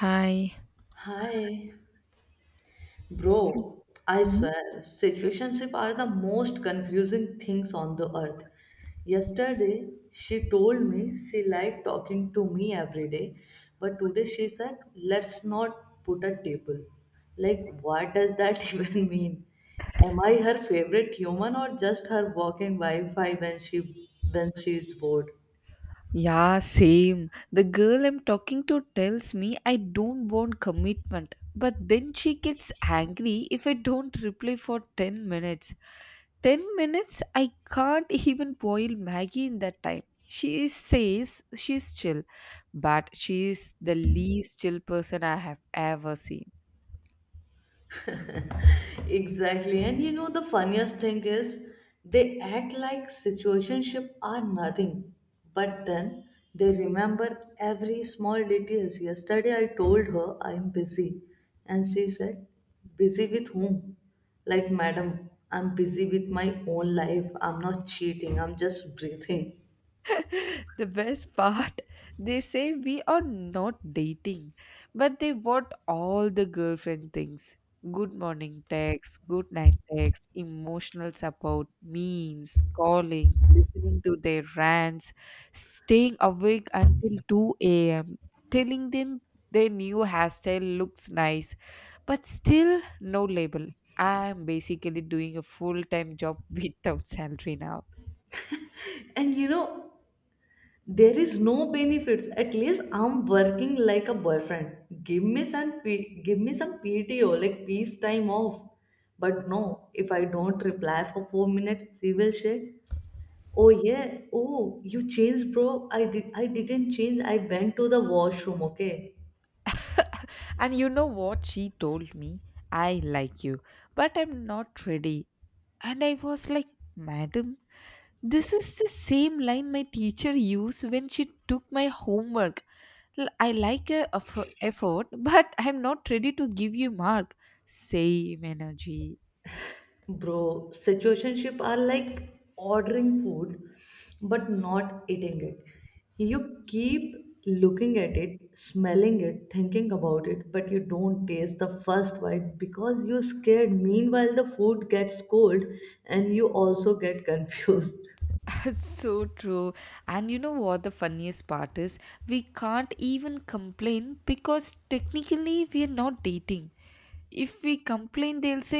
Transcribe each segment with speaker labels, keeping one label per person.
Speaker 1: Hi.
Speaker 2: Hi, bro. I swear, situationships are the most confusing things on the earth. Yesterday, she told me she liked talking to me every day, but today she said, let's not put a table. Like, what does that even mean? Am I her favorite human or just her walking Wi-Fi when she's bored?
Speaker 1: Yeah, same. The girl I'm talking to tells me I don't want commitment, but then she gets angry if I don't reply for 10 minutes. 10 minutes? I can't even boil Maggie in that time. She says she's chill, but she's the least chill person I have ever seen.
Speaker 2: Exactly. And you know the funniest thing is they act like situationship are nothing. But then they remember every small details. Yesterday I told her I'm busy and she said, busy with whom? Like madam, I'm busy with my own life. I'm not cheating. I'm just breathing.
Speaker 1: The best part, they say we are not dating, but they want all the girlfriend things. Good morning text, good night text, emotional support, memes, calling, listening to their rants, staying awake until 2 a.m., telling them their new hairstyle looks nice, but still no label. I'm basically doing a full time job without salary now.
Speaker 2: And you know there is no benefits. At least I'm working like a boyfriend. Give me some PTO, like peace time off. But no, if I don't reply for 4 minutes, she will say, "Oh yeah, oh you changed, bro. I did. I didn't change. I went to the washroom. Okay."
Speaker 1: And you know what she told me? I like you, but I'm not ready. And I was like, Madam, this is the same line my teacher used when she took my homework. I like your effort, but I'm not ready to give you mark. Same energy.
Speaker 2: Bro, situationship are like ordering food but not eating it. You keep looking at it, smelling it, thinking about it, but you don't taste the first bite because you're scared. Meanwhile, the food gets cold and you also get confused.
Speaker 1: So true. And you know what the funniest part is? We can't even complain because technically we are not dating. If we complain, they'll say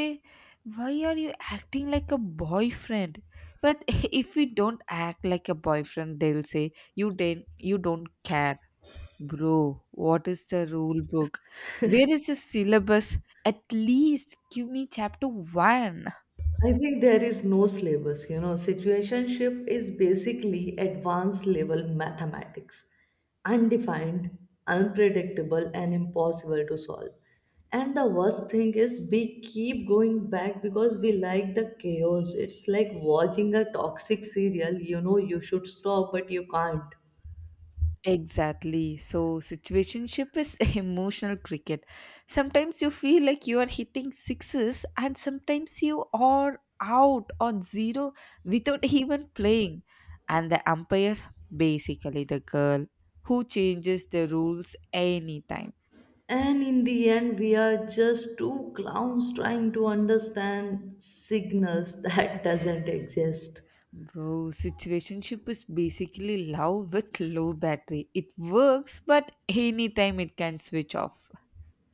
Speaker 1: why are you acting like a boyfriend, but if we don't act like a boyfriend, they'll say you don't care. Bro, what is the rule book? Where is the syllabus? At least give me chapter 1.
Speaker 2: I think there is no syllabus, you know. Situationship is basically advanced level mathematics, undefined, unpredictable, and impossible to solve. And the worst thing is, we keep going back because we like the chaos. It's like watching a toxic serial, you know, you should stop, but you can't.
Speaker 1: Exactly. So, situationship is emotional cricket. Sometimes you feel like you are hitting sixes, and sometimes you are out on zero without even playing. And the umpire, basically the girl who changes the rules anytime.
Speaker 2: And in the end, we are just two clowns trying to understand signals that doesn't exist.
Speaker 1: Bro, situationship is basically love with low battery. It works, but anytime it can switch off.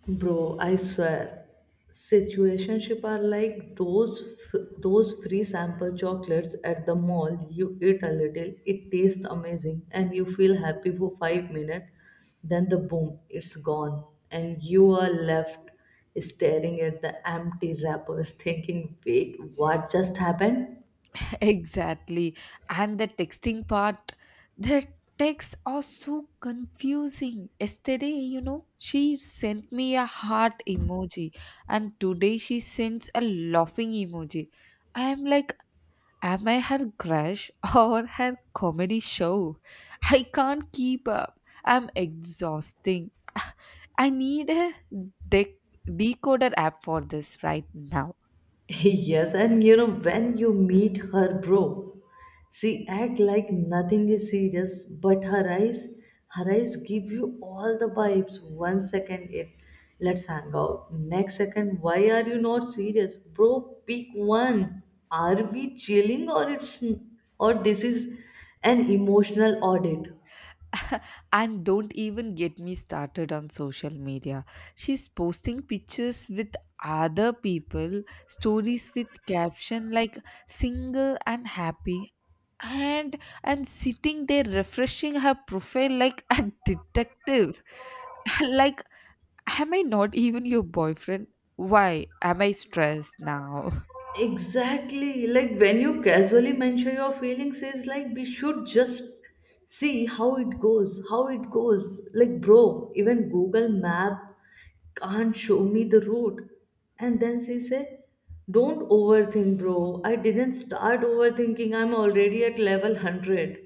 Speaker 2: Bro, I swear, situationship are like those free sample chocolates at the mall. You eat a little, it tastes amazing, and you feel happy for 5 minutes. Then the boom, it's gone, and you are left staring at the empty wrappers, thinking, "Wait, what just happened?"
Speaker 1: Exactly. And the texting part, the texts are so confusing. Yesterday, she sent me a heart emoji, and today she sends a laughing emoji. I am like, am I her crush or her comedy show? I can't keep up. I'm exhausting. I need a dec- decoder app for this right now.
Speaker 2: Yes, and you know, when you meet her, bro, she act like nothing is serious, but her eyes give you all the vibes. One second it, let's hang out. Next second, why are you not serious? Bro, pick one. Are we chilling or it's or this is an emotional audit?
Speaker 1: And don't even get me started on social media. She's posting pictures with other people, stories with caption like single and happy. And I'm sitting there refreshing her profile like a detective. Like, am I not even your boyfriend? Why am I stressed now?
Speaker 2: Exactly. Like when you casually mention your feelings, is like we should just see how it goes. Like, bro, even Google Map can't show me the route. And then she said, don't overthink, bro. I didn't start overthinking. I'm already at level 100.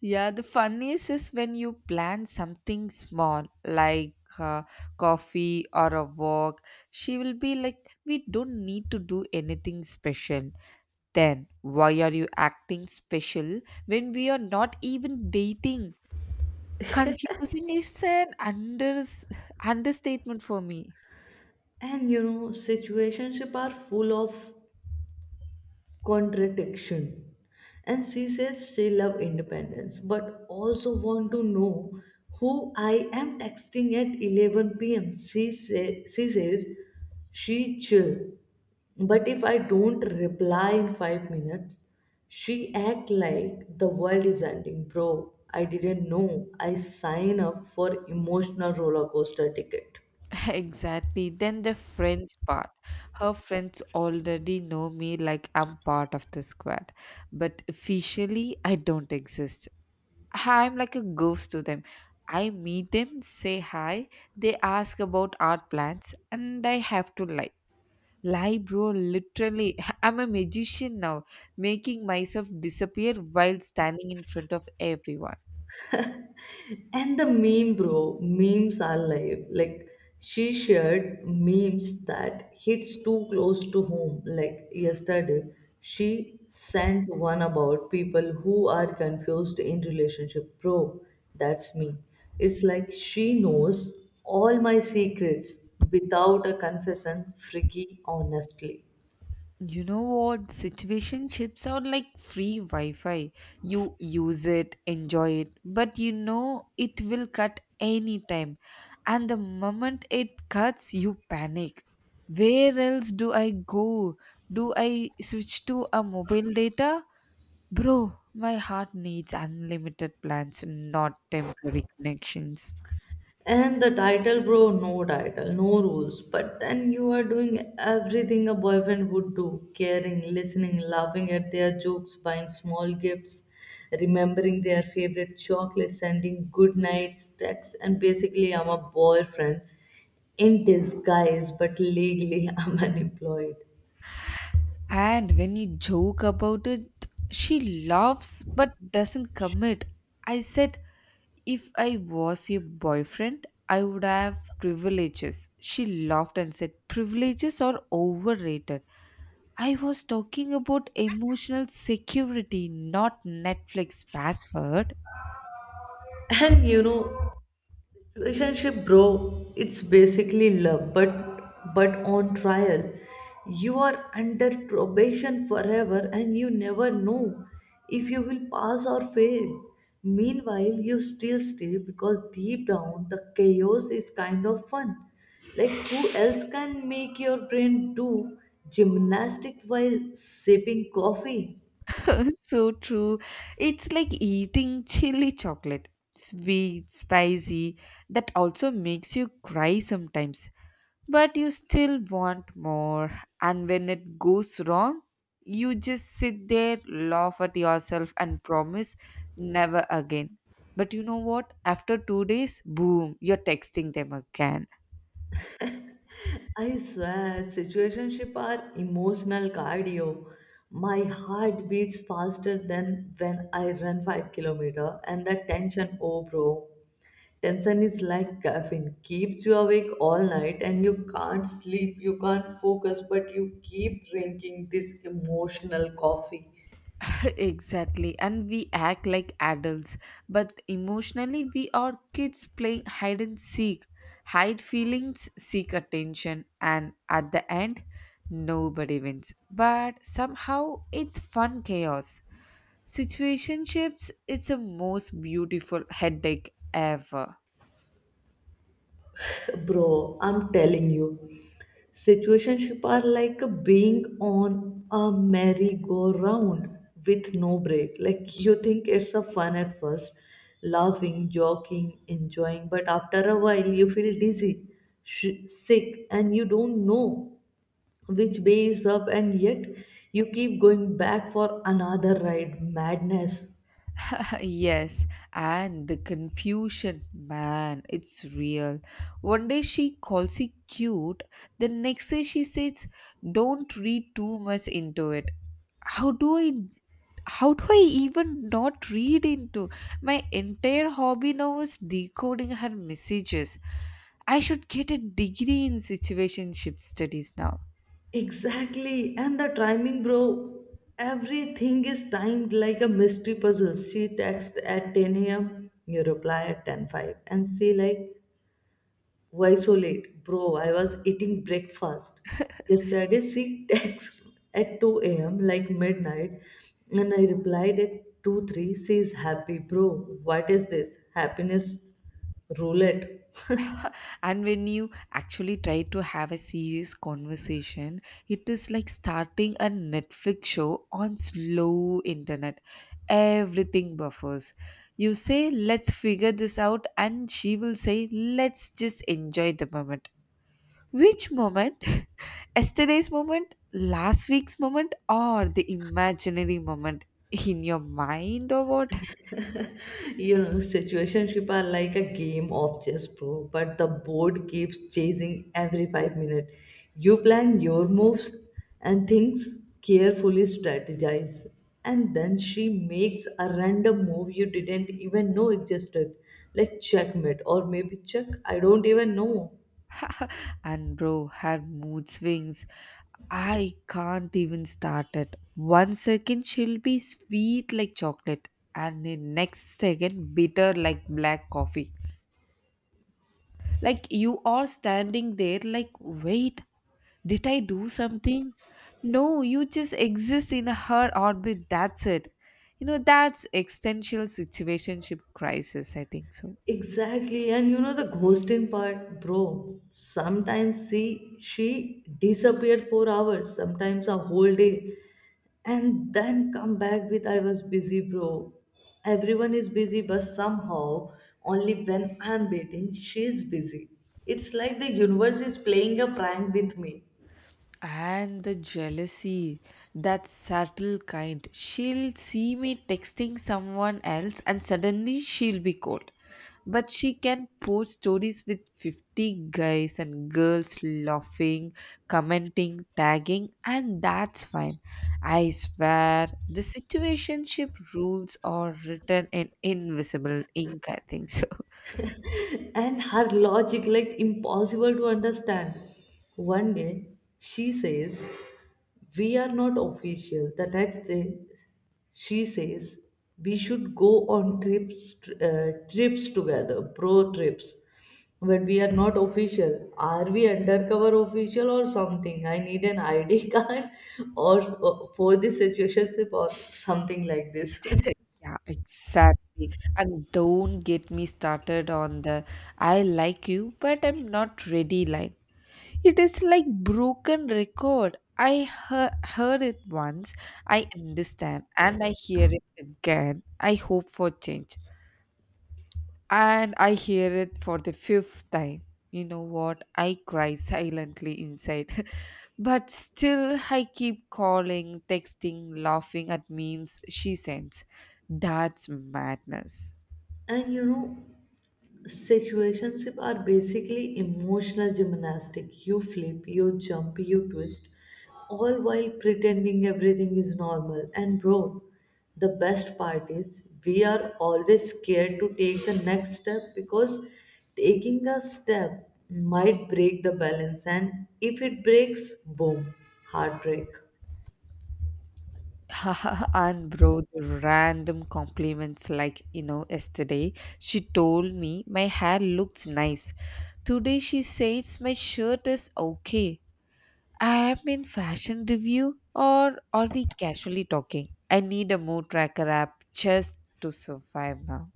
Speaker 1: Yeah, the funniest is when you plan something small like coffee or a walk. She will be like, we don't need to do anything special. Then, why are you acting special when we are not even dating? Confusing is an understatement for me.
Speaker 2: And you know, situationships are full of contradiction, and she says she love independence but also want to know who I am texting at 11 p.m. She says she chill but if I don't reply in 5 minutes she act like the world is ending, bro. I didn't know I sign up for emotional roller coaster ticket.
Speaker 1: Exactly. Then the friends part. Her friends already know me like I'm part of the squad, but officially I don't exist. I'm like a ghost to them. I meet them, say hi, they ask about art plans, and I have to lie. Lie, bro, literally. I'm a magician now, making myself disappear while standing in front of everyone.
Speaker 2: And the meme, bro, memes are live. Like she shared memes that hits too close to home. Like yesterday, she sent one about people who are confused in relationship. Bro, that's me. It's like she knows all my secrets without a confession, freaky honestly.
Speaker 1: You know what? Situation chips are like free Wi Fi. You use it, enjoy it, but you know it will cut anytime. And the moment it cuts, you panic. Where else do I go? Do I switch to a mobile data? Bro, my heart needs unlimited plans, not temporary connections.
Speaker 2: And the title, bro, no title, no rules. But then you are doing everything a boyfriend would do, caring, listening, laughing at their jokes, buying small gifts, remembering their favorite chocolate, sending good nights, texts. And basically, I'm a boyfriend in disguise, but legally, I'm unemployed.
Speaker 1: And when you joke about it, she laughs but doesn't commit. I said, if I was your boyfriend, I would have privileges. She laughed and said, privileges are overrated. I was talking about emotional security, not Netflix password.
Speaker 2: And you know, relationship bro it's basically love but on trial. You are under probation forever and you never know if you will pass or fail. Meanwhile you still stay because deep down the chaos is kind of fun. Like who else can make your brain do gymnastic while sipping coffee?
Speaker 1: So true. It's like eating chili chocolate. Sweet, spicy, that also makes you cry sometimes, but you still want more. And when it goes wrong, you just sit there, laugh at yourself, and promise never again. But you know what? After 2 days, boom, you're texting them again.
Speaker 2: I swear, situationships are emotional cardio. My heart beats faster than when I run 5 km, and that tension, oh bro. Tension is like caffeine, keeps you awake all night and you can't sleep, you can't focus, but you keep drinking this emotional coffee.
Speaker 1: Exactly. And we act like adults, but emotionally we are kids playing hide and seek. Hide feelings, seek attention, and at the end, nobody wins. But somehow it's fun chaos. Situationships, it's the most beautiful headache ever.
Speaker 2: Bro, I'm telling you, situationship are like being on a merry-go-round with no break. Like you think it's a fun at first, laughing joking enjoying, but after a while you feel dizzy, sick, and you don't know which way is up, and yet you keep going back for another ride. Madness.
Speaker 1: Yes, and the confusion, man, it's real. One day she calls it cute, the next day she says, "Don't read too much into it." How do I, how do I even not read into? My entire hobby now is decoding her messages. I should get a degree in situationship studies now.
Speaker 2: Exactly, and the timing, bro. Everything is timed like a mystery puzzle. She texts at 10 a.m., you reply at 10:05, and say like, "Why so late, bro? I was eating breakfast." Yesterday, she texts at 2 a.m., like midnight, and I replied at 2:03. She is happy, bro. What is this? Happiness roulette.
Speaker 1: And when you actually try to have a serious conversation, it is like starting a Netflix show on slow internet. Everything buffers. You say let's figure this out, and she will say let's just enjoy the moment. Which moment? Yesterday's moment, last week's moment, or the imaginary moment in your mind, or what?
Speaker 2: You know situationship are like a game of chess bro, but the board keeps chasing every 5 minutes. You plan your moves and things carefully, strategize, and then she makes a random move you didn't even know existed. Like checkmate, or maybe check, I don't even know.
Speaker 1: And bro, had mood swings, I can't even start it. One second she'll be sweet like chocolate, and the next second bitter like black coffee. Like, you are standing there like, wait, did I do something? No, you just exist in her orbit, that's it. You know, that's existential situationship crisis, I think so.
Speaker 2: Exactly, and you know the ghosting part, bro. Sometimes see, she disappeared for hours, sometimes a whole day, and then come back with I was busy, bro. Everyone is busy, but somehow only when I'm waiting, she's busy. It's like the universe is playing a prank with me.
Speaker 1: And the jealousy, that subtle kind. She'll see me texting someone else and suddenly she'll be cold. But she can post stories with 50 guys and girls laughing, commenting, tagging, and that's fine. I swear, the situationship rules are written in invisible ink, I think so.
Speaker 2: And her logic like impossible to understand. One day she says we are not official, the next day she says we should go on trips, trips together, pro trips. But we are not official. Are we undercover official or something? I need an ID card or, or for this situationship or something like this.
Speaker 1: Yeah, exactly. And don't get me started on the I like you, but I'm not ready line. It is like broken record. I heard it once, I understand, and I hear it again. I hope for change. And I hear it for the fifth time. You know what? I cry silently inside. But still, I keep calling, texting, laughing at memes she sends. That's madness.
Speaker 2: And you know, situationships are basically emotional gymnastics. You flip, you jump, you twist, all while pretending everything is normal. And bro, the best part is we are always scared to take the next step because taking a step might break the balance, and if it breaks, boom, heartbreak.
Speaker 1: And bro, the random compliments like, yesterday she told me my hair looks nice. Today she says my shirt is okay. I am in fashion review or are we casually talking? I need a mood tracker app just to survive now.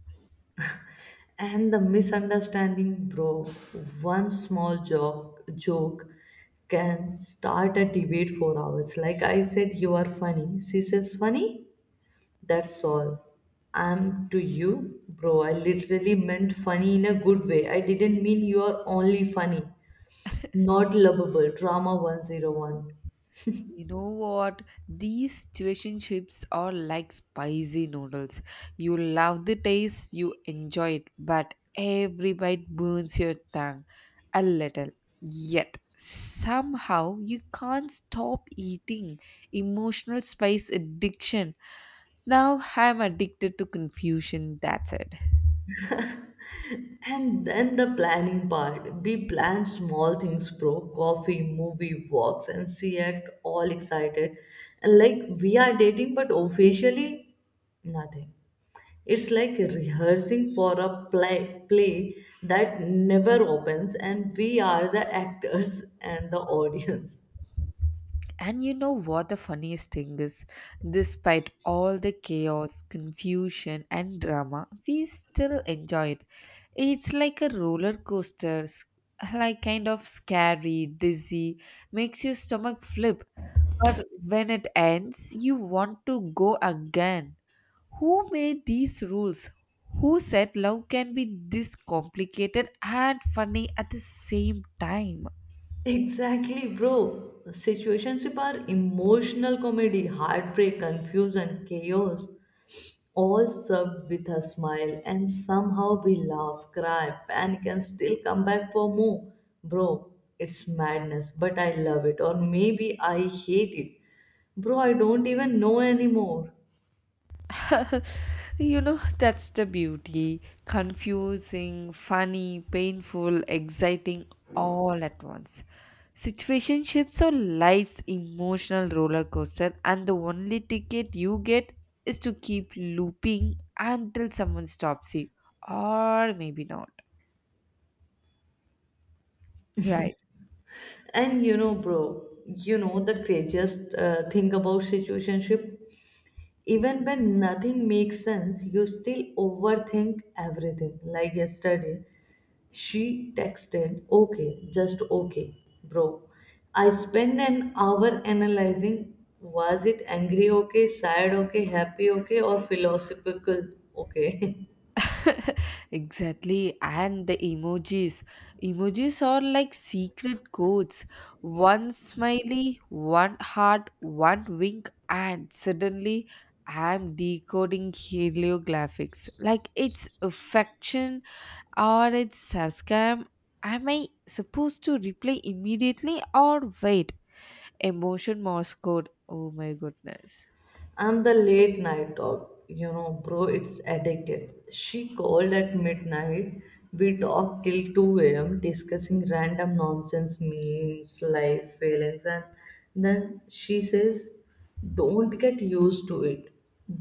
Speaker 2: And the misunderstanding, bro. One small joke can start a debate for hours. Like I said, you are funny. She says, funny? That's all. I'm to you, bro. I literally meant funny in a good way. I didn't mean you are only funny. Not lovable. Drama 101.
Speaker 1: You know what? These situationships are like spicy noodles. You love the taste, you enjoy it, but every bite burns your tongue a little. Yet, somehow, you can't stop eating. Emotional spice addiction. Now, I'm addicted to confusion, that's it.
Speaker 2: And then the planning part. We plan small things, bro. Coffee, movie, walks, and she act all excited. And like we are dating, but officially nothing. It's like rehearsing for a play that never opens, and we are the actors and the audience.
Speaker 1: And you know what the funniest thing is? Despite all the chaos, confusion, and drama, we still enjoy it. It's like a roller coaster, like kind of scary, dizzy, makes your stomach flip. But when it ends, you want to go again. Who made these rules? Who said love can be this complicated and funny at the same time?
Speaker 2: Exactly, bro. Situationships are emotional comedy, heartbreak, confusion, chaos, all served with a smile, and somehow we laugh, cry, panic, and still come back for more. Bro, it's madness, but I love it, or maybe I hate it. Bro, I don't even know anymore.
Speaker 1: You know, that's the beauty. Confusing, funny, painful, exciting, all at once. Situationships are life's emotional roller coaster, and the only ticket you get is to keep looping until someone stops you, or maybe not. Right.
Speaker 2: And you know bro, you know the craziest thing about situationship, even when nothing makes sense you still overthink everything. Like yesterday she texted okay, just okay. Bro, I spent an hour analyzing. Was it angry okay, sad okay, happy okay, or philosophical okay?
Speaker 1: Exactly, and the emojis are like secret codes. One smiley, one heart, one wink, and suddenly I'm decoding heliographics. Like, it's affection or it's sarcasm? Am I supposed to reply immediately or wait? Emotion Morse code. Oh my goodness.
Speaker 2: I'm the late night dog, you know, bro. It's addicted. She called at midnight. We talked till 2 a.m. discussing random nonsense, memes, life, feelings, and then she says, don't get used to it.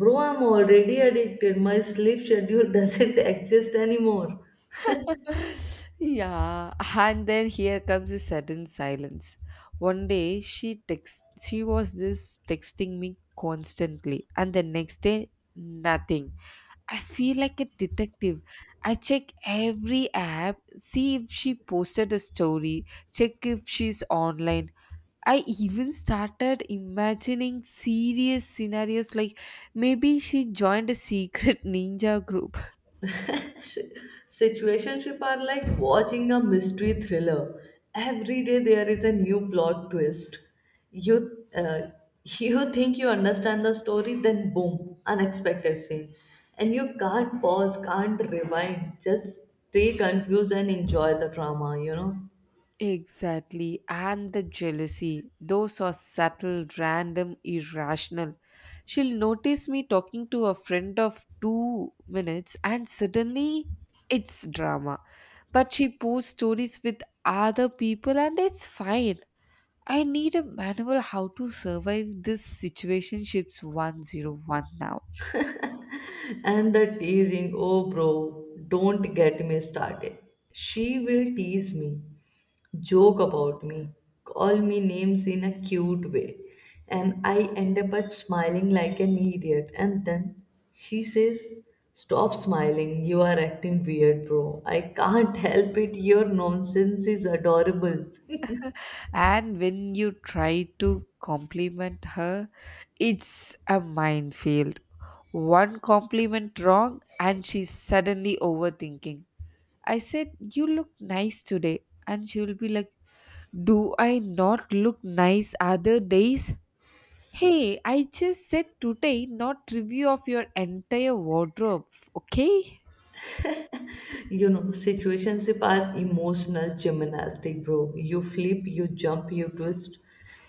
Speaker 2: Bro, I'm already addicted. My sleep schedule doesn't exist anymore.
Speaker 1: Yeah, and then here comes a sudden silence. One day she was just texting me constantly, and the next day nothing. I feel like a detective. I check every app, see if she posted a story, check if she's online. I even started imagining serious scenarios, like maybe she joined a secret ninja group.
Speaker 2: Situationship are like watching a mystery thriller. Every day there is a new plot twist. You uh, you think you understand the story, then boom, unexpected scene, and you can't pause, can't rewind. Just stay confused and enjoy the drama, you know.
Speaker 1: Exactly. And the jealousy, those are subtle, random, irrational. She'll notice me talking to a friend of 2 minutes and suddenly it's drama. But she posts stories with other people and it's fine. I need a manual how to survive this situationships 101 now.
Speaker 2: And the teasing, oh bro, don't get me started. She will tease me, joke about me, call me names in a cute way, and I end up at smiling like an idiot. And then she says, stop smiling, you are acting weird, bro. I can't help it, your nonsense is adorable.
Speaker 1: And when you try to compliment her, it's a minefield. One compliment wrong and she's suddenly overthinking. I said, you look nice today, and she will be like, do I not look nice other days? Hey, I just said today, not review of your entire wardrobe, okay?
Speaker 2: You know, situationship are emotional gymnastic, bro. You flip, you jump, you twist,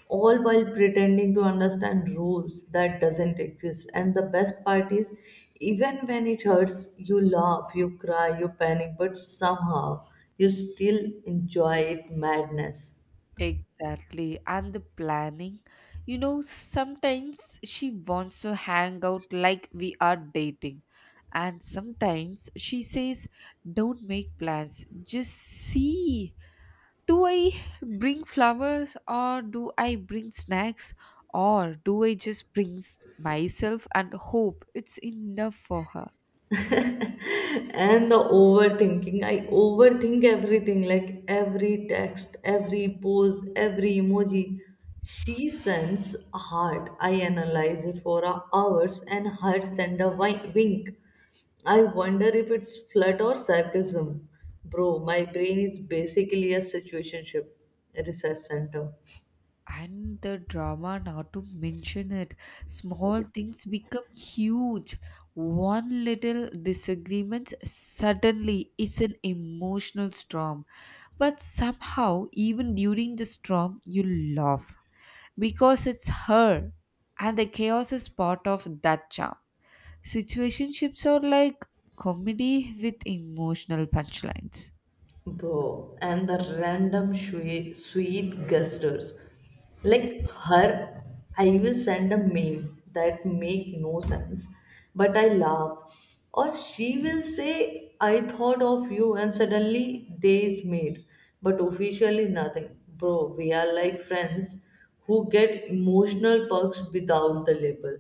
Speaker 2: all while pretending to understand rules that doesn't exist. And the best part is, even when it hurts, you laugh, you cry, you panic, but somehow you still enjoy it. Madness.
Speaker 1: Exactly. And the planning. You know, sometimes she wants to hang out like we are dating. And sometimes she says, don't make plans. Just see. Do I bring flowers or do I bring snacks, or do I just bring myself and hope it's enough for her?
Speaker 2: And the overthinking, I overthink everything. Like every text, every pose, every emoji she sends. Hard. I analyze it for hours and heart send a wink, I wonder if it's flirt or sarcasm. Bro, my brain is basically a situationship research center.
Speaker 1: And the drama, not to mention it. Small things become huge. One little disagreement, suddenly it's an emotional storm. But somehow, even during the storm, you laugh because it's her, and the chaos is part of that charm. Situationships are like comedy with emotional punchlines.
Speaker 2: Bro, and the random sweet gestures. Like her, I will send a meme that make no sense, but I laugh. Or she will say, I thought of you, and suddenly day is made, but officially nothing. Bro, we are like friends who get emotional perks without the label.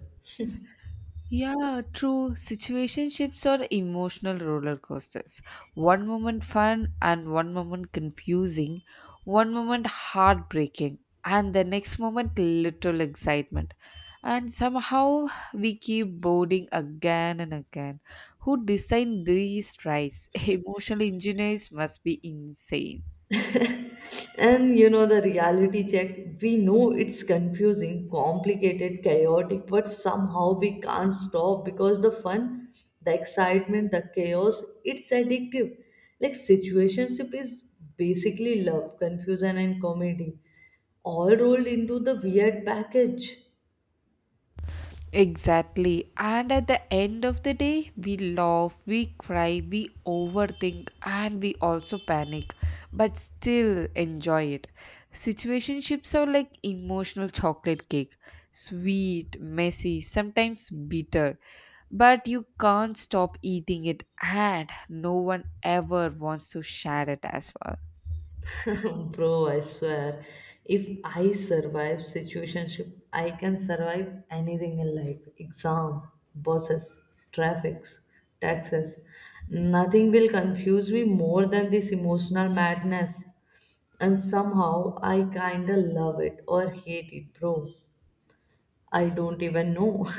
Speaker 1: Yeah, true. Situationships are emotional roller coasters. One moment fun and one moment confusing, one moment heartbreaking, and the next moment little excitement. And somehow we keep boarding again and again. Who designed these tries? Emotional engineers must be insane.
Speaker 2: And you know, the reality check, we know it's confusing, complicated, chaotic, but somehow we can't stop because the fun, the excitement, the chaos, it's addictive. Like, situationship is basically love, confusion, and comedy all rolled into the weird package.
Speaker 1: Exactly. And at the end of the day, we laugh, we cry, we overthink, and we also panic, but still enjoy it. Situationships are like emotional chocolate cake, sweet, messy, sometimes bitter, but you can't stop eating it, and no one ever wants to share it as well.
Speaker 2: Bro, I swear, if I survive situationship, I can survive anything in life. Exam, bosses, traffics, taxes. Nothing will confuse me more than this emotional madness. And somehow I kinda love it or hate it, bro. I don't even know.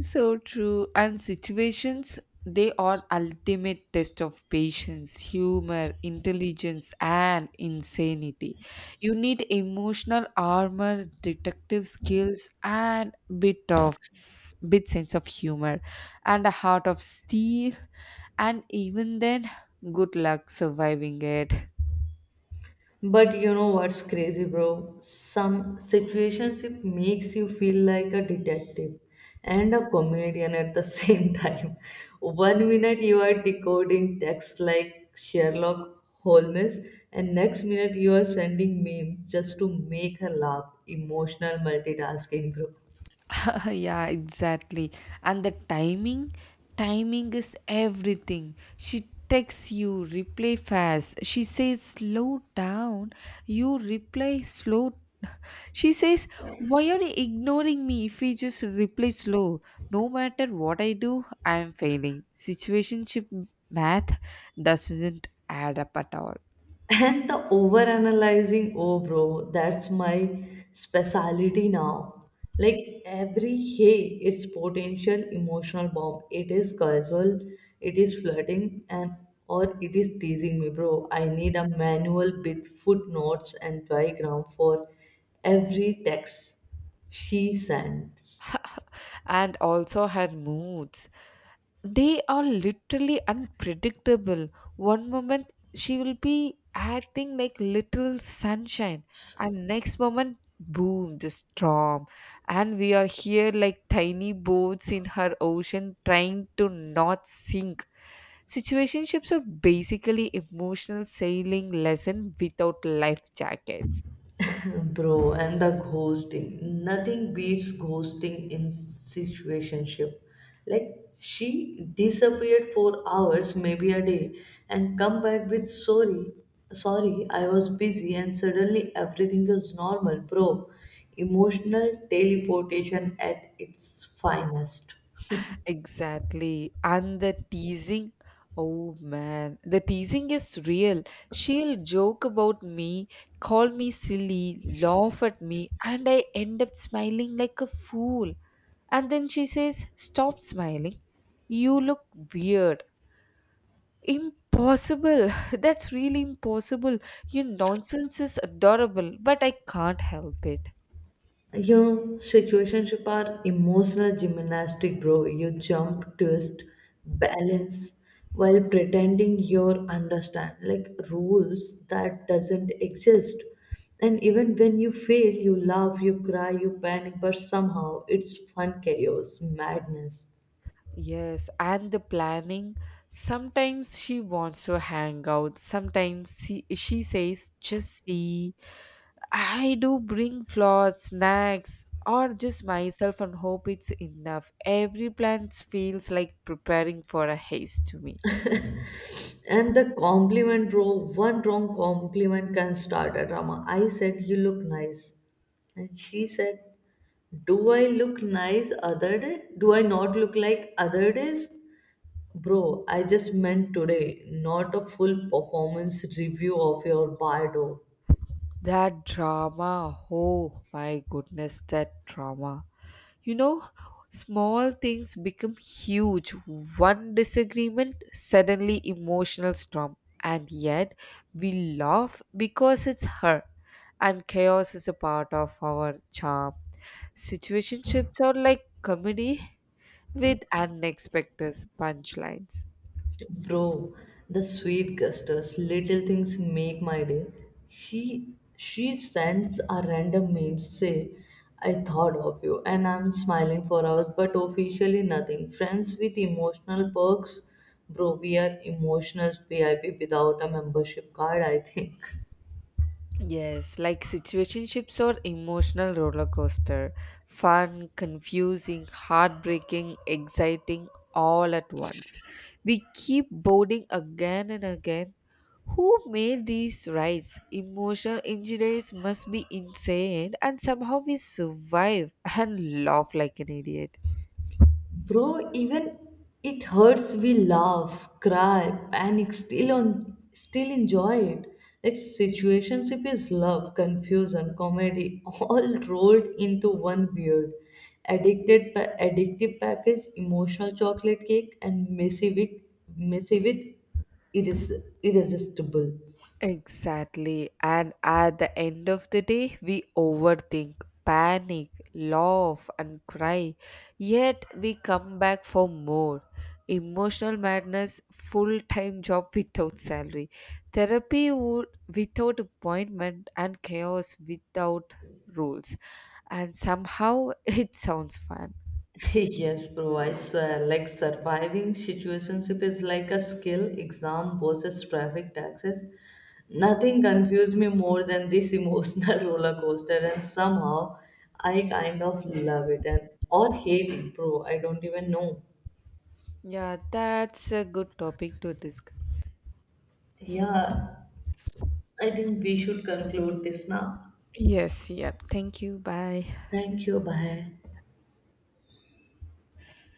Speaker 1: So true. And situations, they are ultimate test of patience, humor, intelligence, and insanity. You need emotional armor, detective skills, and bit sense of humor, and a heart of steel. And even then, good luck surviving it.
Speaker 2: But you know what's crazy, bro? Some situationship makes you feel like a detective and a comedian at the same time. One minute you are decoding text like Sherlock Holmes, and next minute you are sending memes just to make her laugh. Emotional multitasking, bro.
Speaker 1: Yeah, exactly. And the timing, timing is everything. She texts, you reply fast, she says slow down. You reply slow, she says why are you ignoring me. If we just reply slow, no matter what I do, I am failing. Situationship math doesn't add up at all.
Speaker 2: And the overanalyzing, oh bro, that's my specialty now. Like every hey, it's potential emotional bomb. It is casual, it is flirting, and or it is teasing me, bro. I need a manual with footnotes and diagram for every text she sends.
Speaker 1: And also her moods, they are literally unpredictable. One moment she will be acting like little sunshine, and next moment, boom, the storm. And we are here like tiny boats in her ocean, trying to not sink. Situationships are basically emotional sailing lesson without life jackets.
Speaker 2: Bro, and the ghosting. Nothing beats ghosting in situationship. Like she disappeared for hours, maybe a day, and come back with sorry. Sorry, I was busy, and suddenly everything was normal, bro. Emotional teleportation at its finest.
Speaker 1: Exactly. And the teasing, oh man, the teasing is real. She'll joke about me, call me silly, laugh at me, and I end up smiling like a fool. And then she says, stop smiling, you look weird. Impossible. That's really impossible. Your nonsense is adorable, but I can't help it.
Speaker 2: You know, situationship are emotional gymnastic, bro. You jump, twist, balance, while pretending you understand like rules that doesn't exist. And even when you fail, you laugh, you cry, you panic, but somehow it's fun chaos, madness.
Speaker 1: Yes, and the planning. Sometimes she wants to hang out. Sometimes she says, just see. I do bring flowers, snacks, or just myself and hope it's enough. Every plan feels like preparing for a haste to me.
Speaker 2: And the compliment, bro, one wrong compliment can start a drama. I said, you look nice. And she said, do I look nice other day? Do I not look like other days? Bro, I just meant today, not a full performance review of your bardo.
Speaker 1: That drama, oh my goodness, that drama. You know, small things become huge. One disagreement, suddenly emotional storm. And yet, we laugh because it's her. And chaos is a part of our charm. Situationships are like comedy with unexpected punchlines.
Speaker 2: Bro, the sweet gusters, little things make my day. She sends a random meme say, I thought of you, and I'm smiling for hours, but officially nothing. Friends with emotional perks, bro, we are emotional VIP without a membership card, I think.
Speaker 1: Yes, like situationships are emotional roller coaster. Fun, confusing, heartbreaking, exciting, all at once. We keep boarding again and again. Who made these rides? Emotional injuries must be insane, and somehow we survive and laugh like an idiot.
Speaker 2: Bro, even it hurts, we laugh, cry, panic, still enjoy it. Like situationship is love, confusion, comedy, all rolled into one weird, addictive package, emotional chocolate cake, and messy with irresistible.
Speaker 1: Exactly. And at the end of the day, we overthink, panic, laugh, and cry. Yet we come back for more. Emotional madness, full time job without salary, therapy would, without appointment, and chaos without rules. And somehow it sounds fun.
Speaker 2: Yes, bro. I swear, like surviving situationship is like a skill exam versus traffic taxes. Nothing confused me more than this emotional roller coaster, and somehow I kind of love it and or hate it, bro. I don't even know.
Speaker 1: Yeah, that's a good topic to discuss.
Speaker 2: Yeah, I think we should conclude this now.
Speaker 1: Yes, yeah. Thank you. Bye.
Speaker 2: Thank you. Bye.